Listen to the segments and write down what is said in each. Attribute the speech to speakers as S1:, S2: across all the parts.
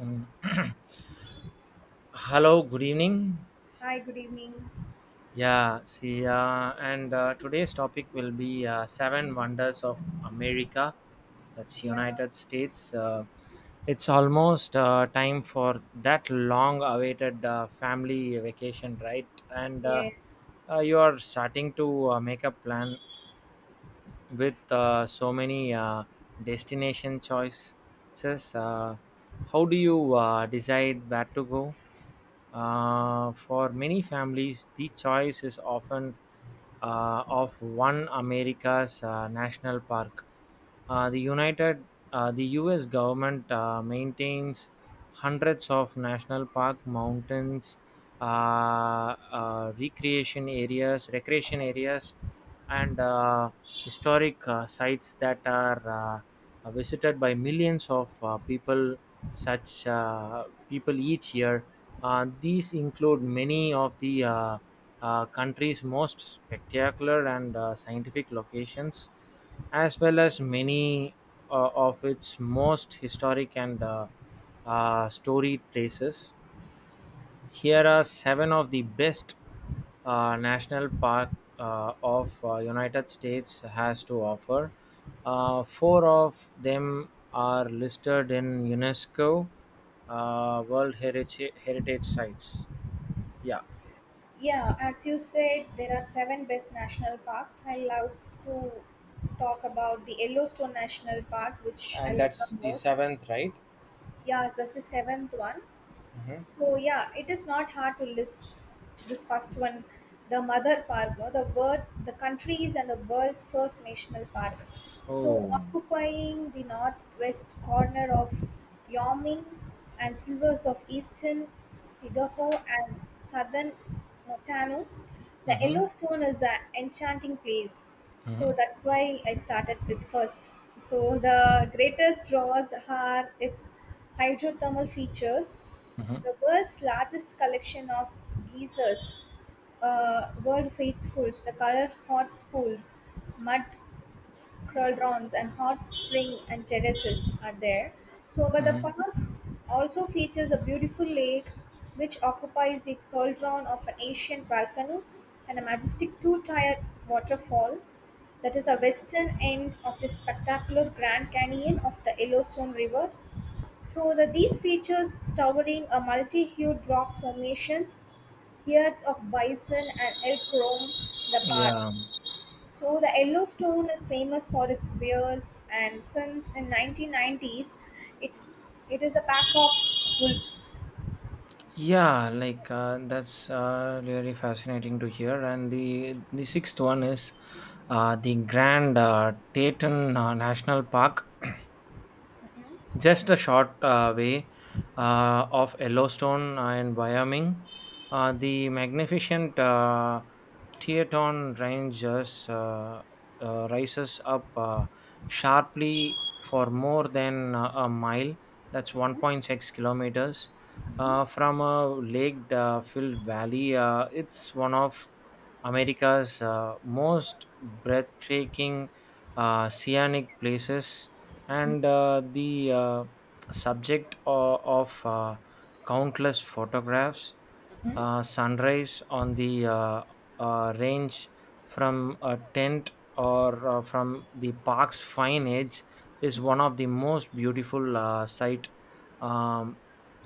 S1: Mm. Hello, good evening.
S2: Hi, good evening.
S1: Yeah, see, and Today's topic will be Seven Wonders of America, that's
S2: Yeah,
S1: United States. It's almost time for that long awaited family vacation, right? And
S2: yes.
S1: You are starting to make a plan with so many destination choices. uh, how do you decide where to go? For many families the choice is often of one america's national park. uh, the united the us government maintains hundreds of national park mountains, uh, recreation areas and historic sites that are visited by millions of people, such people each year. These include many of the country's most spectacular and scientific locations, as well as many of its most historic and storied places. Here are seven of the best national park of United States has to offer. Four of them are listed in UNESCO World Heritage Sites. Yeah,
S2: Yeah, as you said, there are seven best national parks. I love to talk about the Yellowstone National Park, which I
S1: and
S2: love the
S1: that's the
S2: most.
S1: seventh, right?
S2: Yeah, that's the seventh one.
S1: Hmm.
S2: So yeah, it is not hard to list this first one, the Mother Park, no, the world, the country's and the world's first national park. So
S1: Oh.
S2: occupying the northwest corner of Wyoming and slivers of eastern Idaho and southern Montana, the
S1: Mm-hmm.
S2: Yellowstone is an enchanting place.
S1: Mm-hmm.
S2: So that's why I started with first. So the greatest draws are its hydrothermal features,
S1: Mm-hmm.
S2: the world's largest collection of geysers, world faithfuls, the color hot pools, mud cauldrons, and hot spring and terraces are there. So, but the
S1: Mm-hmm.
S2: park also features a beautiful lake which occupies the cauldron of an ancient volcano and a majestic two-tier waterfall that is a western end of the spectacular Grand Canyon of the Yellowstone River, so that these features towering a multi-hued rock formations, herds of bison and elk roam the park.
S1: Yeah.
S2: So the Yellowstone is famous for its bears, and since in 1990s, it's it is a pack of wolves.
S1: Yeah, like that's really fascinating to hear. And the sixth one is the Grand Teton National Park.
S2: Yeah.
S1: Just a short way of Yellowstone and Wyoming. The magnificent Teton Ranges rises up sharply for more than a mile. That's 1.6 kilometers from a lake-filled valley. It's one of America's most breathtaking scenic places, and the subject of countless photographs. Sunrise on the range from a tent or from the park's fine edge is one of the most beautiful sight um,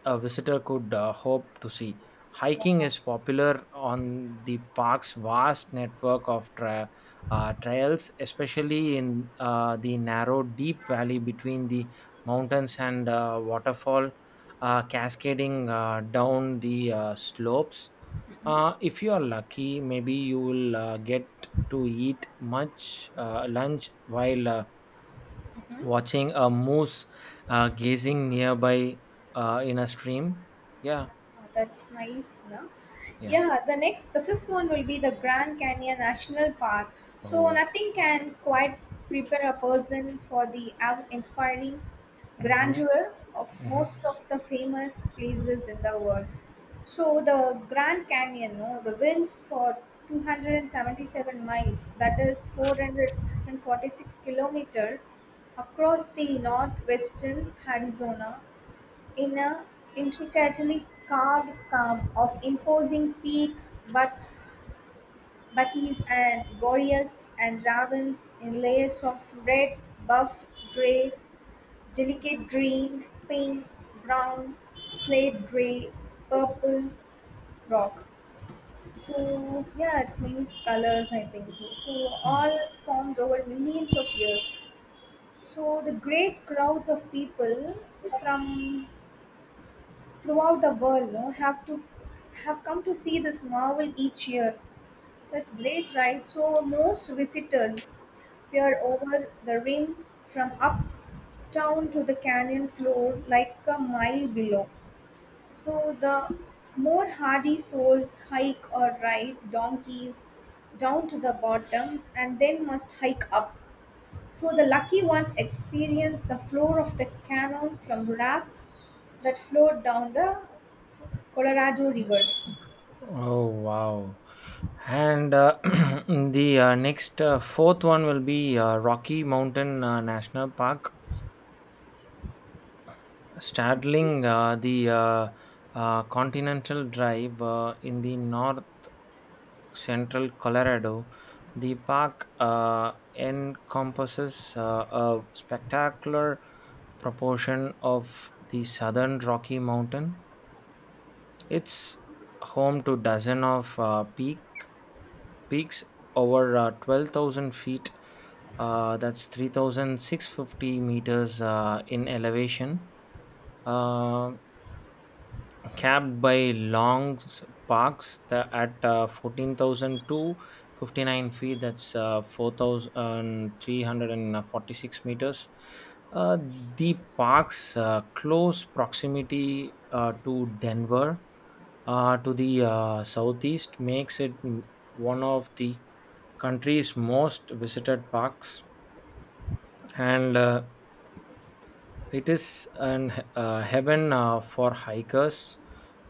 S1: a visitor could hope to see. Hiking is popular on the park's vast network of trails, especially in the narrow, deep valley between the mountains, and waterfall cascading down the slopes. If you are lucky, maybe you will get to eat much lunch while watching a moose gazing nearby in a stream. Yeah.
S2: Ah, that's nice, no?
S1: Yeah.
S2: Yeah, the next, the fifth one will be the Grand Canyon National Park. So
S1: Oh.
S2: nothing can quite prepare a person for the awe-inspiring
S1: Hmm.
S2: grandeur of most
S1: Hmm.
S2: of the famous places in the world. So the Grand Canyon, no, the winds for 277 miles, that is 446-kilometer across the northwestern Arizona in a intricately carved scarp of imposing peaks, butts, butties, and gorges and ravens in layers of red, buff, grey, delicate green, pink, brown, slate grey, purple rock. So yeah, it's many colors I think so. So all formed over millions of years. So the great crowds of people from throughout the world no have to have come to see this marvel each year. That's great, right? So most visitors peer over the rim from uptown to the canyon floor, like a mile below. So the more hardy souls hike or ride donkeys down to the bottom and then must hike up. So the lucky ones experience the floor of the canyon from rafts that float down the Colorado River.
S1: Oh wow. And the next fourth one will be Rocky Mountain National Park, straddling the Continental Drive in the north central Colorado. The park encompasses a spectacular proportion of the southern Rocky Mountain. It's home to dozen of peaks over 12,000 feet. That's 3,650 meters in elevation. Um Capped by parks the, at 14,259 feet. That's 4,346 meters. Uh, the park's close proximity to Denver to the southeast makes it one of the country's most visited parks, and it is an he- heaven for hikers,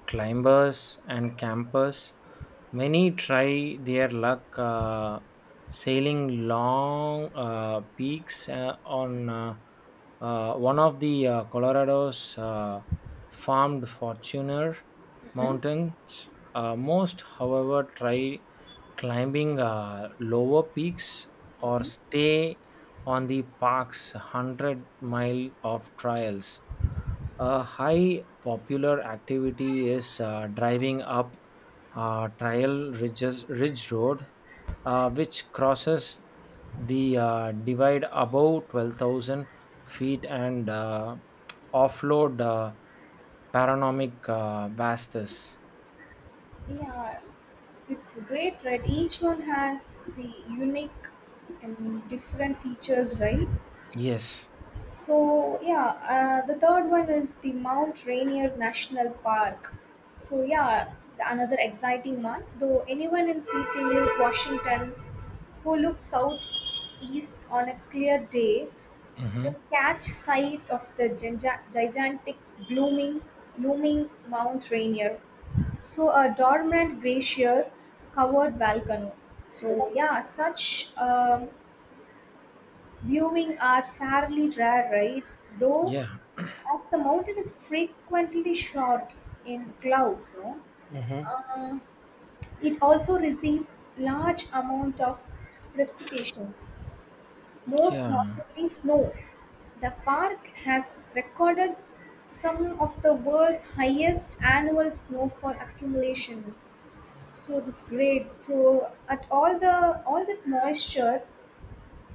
S1: climbers, and campers. Many try their luck sailing long peaks on one of the Colorado's farmed Fortuner mountains. Most, however, try climbing lower peaks, or stay on the park's 100 mile of trails. A high popular activity is driving up Trail Ridge Road, which crosses the divide above 12,000 feet, and offload panoramic vastus.
S2: Yeah, it's great, right? Each one has the unique and different features, right?
S1: Yes.
S2: So, yeah, the third one is the Mount Rainier National Park. So, yeah, another exciting one. Though anyone in Seattle, Washington, who looks southeast on a clear day
S1: Hmm.
S2: will catch sight of the gigantic blooming, looming Mount Rainier. So a dormant glacier covered volcano. So yeah, such viewing are fairly rare, right? Though
S1: Yeah.
S2: as the mountain is frequently shrouded in clouds, no?
S1: Mm-hmm.
S2: Uh, it also receives large amount of precipitations, most
S1: Yeah,
S2: notably snow. The park has recorded some of the world's highest annual snowfall accumulation. So that's great. So at all the all that moisture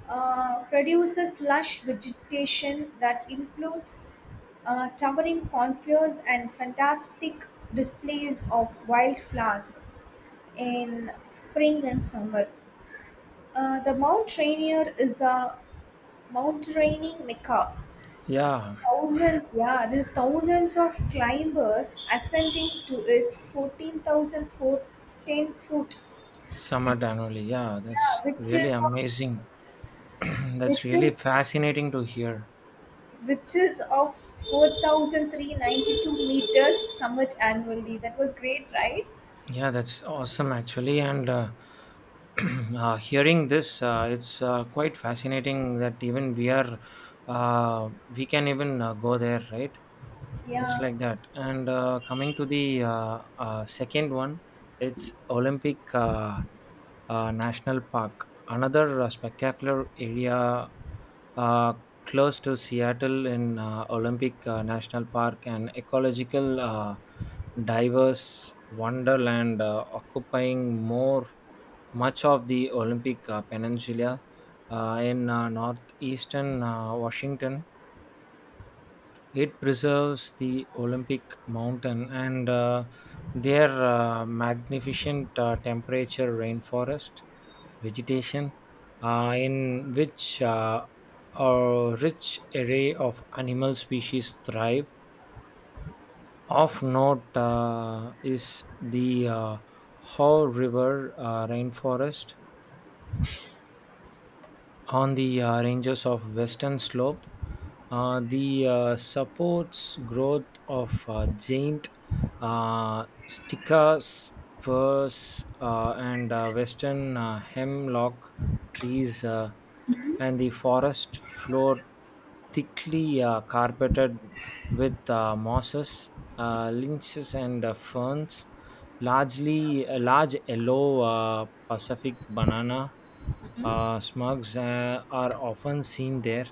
S2: produces lush vegetation that includes towering conifers and fantastic displays of wildflowers in spring and summer. The Mount Rainier is a mountaineering mecca.
S1: yeah.
S2: Thousands, yeah, there are thousands of climbers ascending to its 14,410 foot,
S1: Summit annually. Yeah,
S2: yeah,
S1: that's really amazing. That's
S2: which is
S1: really fascinating to hear.
S2: which is of four thousand three ninety two meters summit annually. That was great, right?
S1: Yeah, that's awesome actually. And hearing this, it's quite fascinating that even we are, we can even go there, right? It's
S2: Yeah.
S1: like that. And coming to the second one, it's Olympic National Park, another spectacular area uh, close to Seattle in Olympic National Park, an ecological, diverse wonderland occupying more much of the Olympic Peninsula in northeastern Washington. It preserves the Olympic mountain and their magnificent temperature rainforest vegetation, in which a rich array of animal species thrive. Of note is the Haw River rainforest, on the ranges of western slope the supports growth of giant sticker spurs and western hemlock trees, and the forest floor thickly carpeted with mosses, lynches, and ferns. Largely A large yellow pacific banana smugs are often seen there.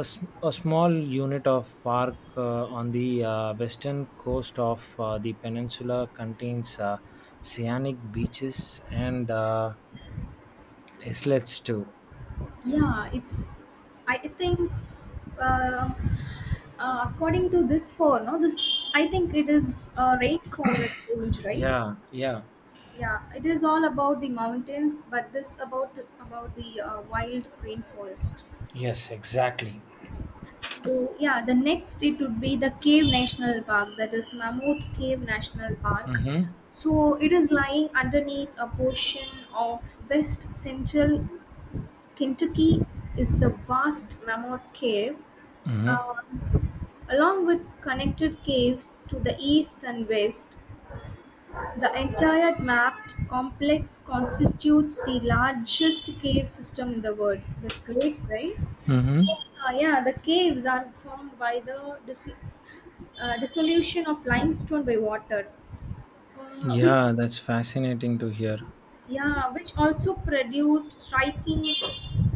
S1: A small unit of park on the western coast of the peninsula contains scenic beaches, and islets too.
S2: Yeah, it's. I think, according to this four, no, this I think it is a rainforest range, right?
S1: Yeah, yeah.
S2: Yeah, it is all about the mountains, but this about the wild rainforest.
S1: Yes, exactly.
S2: So yeah, the next it would be the Cave National Park, that is Mammoth Cave National Park.
S1: Mm-hmm.
S2: So it is lying underneath a portion of West Central Kentucky is the vast Mammoth Cave,
S1: Mm-hmm.
S2: uh, along with connected caves to the east and west. The entire mapped complex constitutes the largest cave system in the world. That's great, right?
S1: Mm-hmm.
S2: Yeah, the caves are formed by the dissolution of limestone by water, uh, which
S1: Yeah, that's fascinating to hear.
S2: yeah, which also produced striking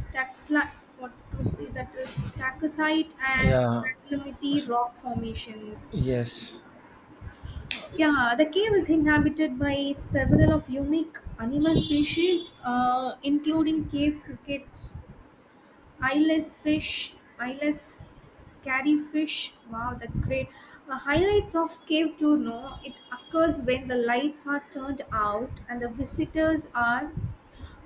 S2: staxla, what to say, that is stacosite and
S1: Yeah.
S2: staglamity
S1: s-
S2: rock formations.
S1: Yes.
S2: Yeah, the cave is inhabited by several of unique animal species, including cave crickets, eyeless fish, eyeless carry fish. Wow, that's great. Highlights of cave tour, no, it occurs when the lights are turned out and the visitors are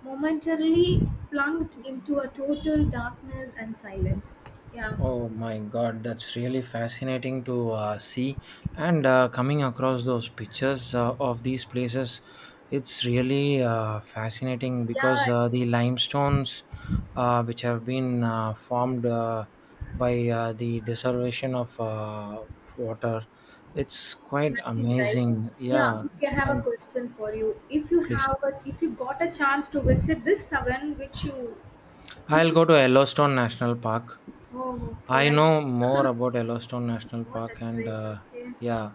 S2: momentarily plunged into a total darkness and silence. Yeah,
S1: Oh my God, that's really fascinating to see. And coming across those pictures of these places, it's really fascinating
S2: yeah,
S1: because the limestones which have been formed by the desolation of water, it's quite
S2: nice, right?
S1: amazing.
S2: Yeah,
S1: Yeah,
S2: okay, I have a
S1: and
S2: question for you.
S1: please,
S2: If you got a chance to visit this seven, which
S1: I'll
S2: you,
S1: go to Yellowstone National Park.
S2: oh, okay,
S1: I know more about Yellowstone National
S2: oh,
S1: Park,
S2: that's
S1: and
S2: great, okay.
S1: yeah,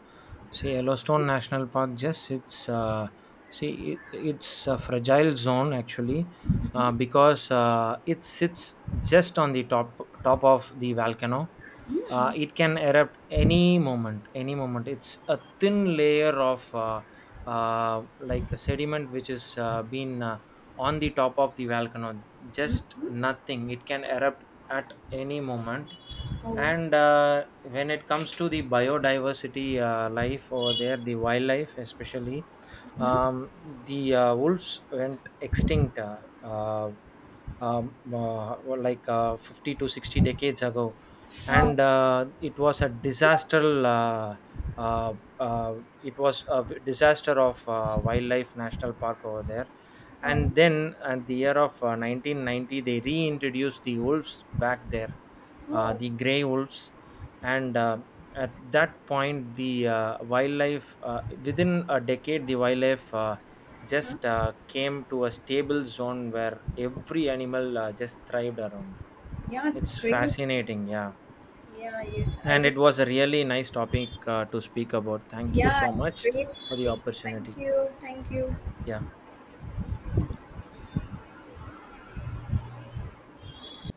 S1: see, Yellowstone National Park just sits, see, it's a fragile zone actually because it sits just on the top of the volcano. It can erupt any moment, any moment. It's a thin layer of like a sediment which is been on the top of the volcano. Just nothing. It can erupt at any moment.
S2: Oh,
S1: And when it comes to the biodiversity life over there, the wildlife especially, the wolves went extinct, well, like 50 to 60 decades ago,
S2: Oh,
S1: and it was a disaster, uh, uh, it was a disaster of wildlife national park over there.
S2: oh,
S1: And then at the year of 1990 they reintroduced the wolves back there,
S2: oh,
S1: the gray wolves, and at that point, the wildlife within a decade, the wildlife
S2: huh?
S1: just came to a stable zone where every animal just thrived around.
S2: Yeah, it's
S1: It's
S2: great.
S1: fascinating, yeah.
S2: Yeah, yes, I
S1: And
S2: did.
S1: it was a really nice topic to speak about. Thank you
S2: Yeah,
S1: so
S2: it's
S1: much
S2: a great
S1: for the
S2: thing. Thank
S1: opportunity.
S2: you, thank you.
S1: Yeah.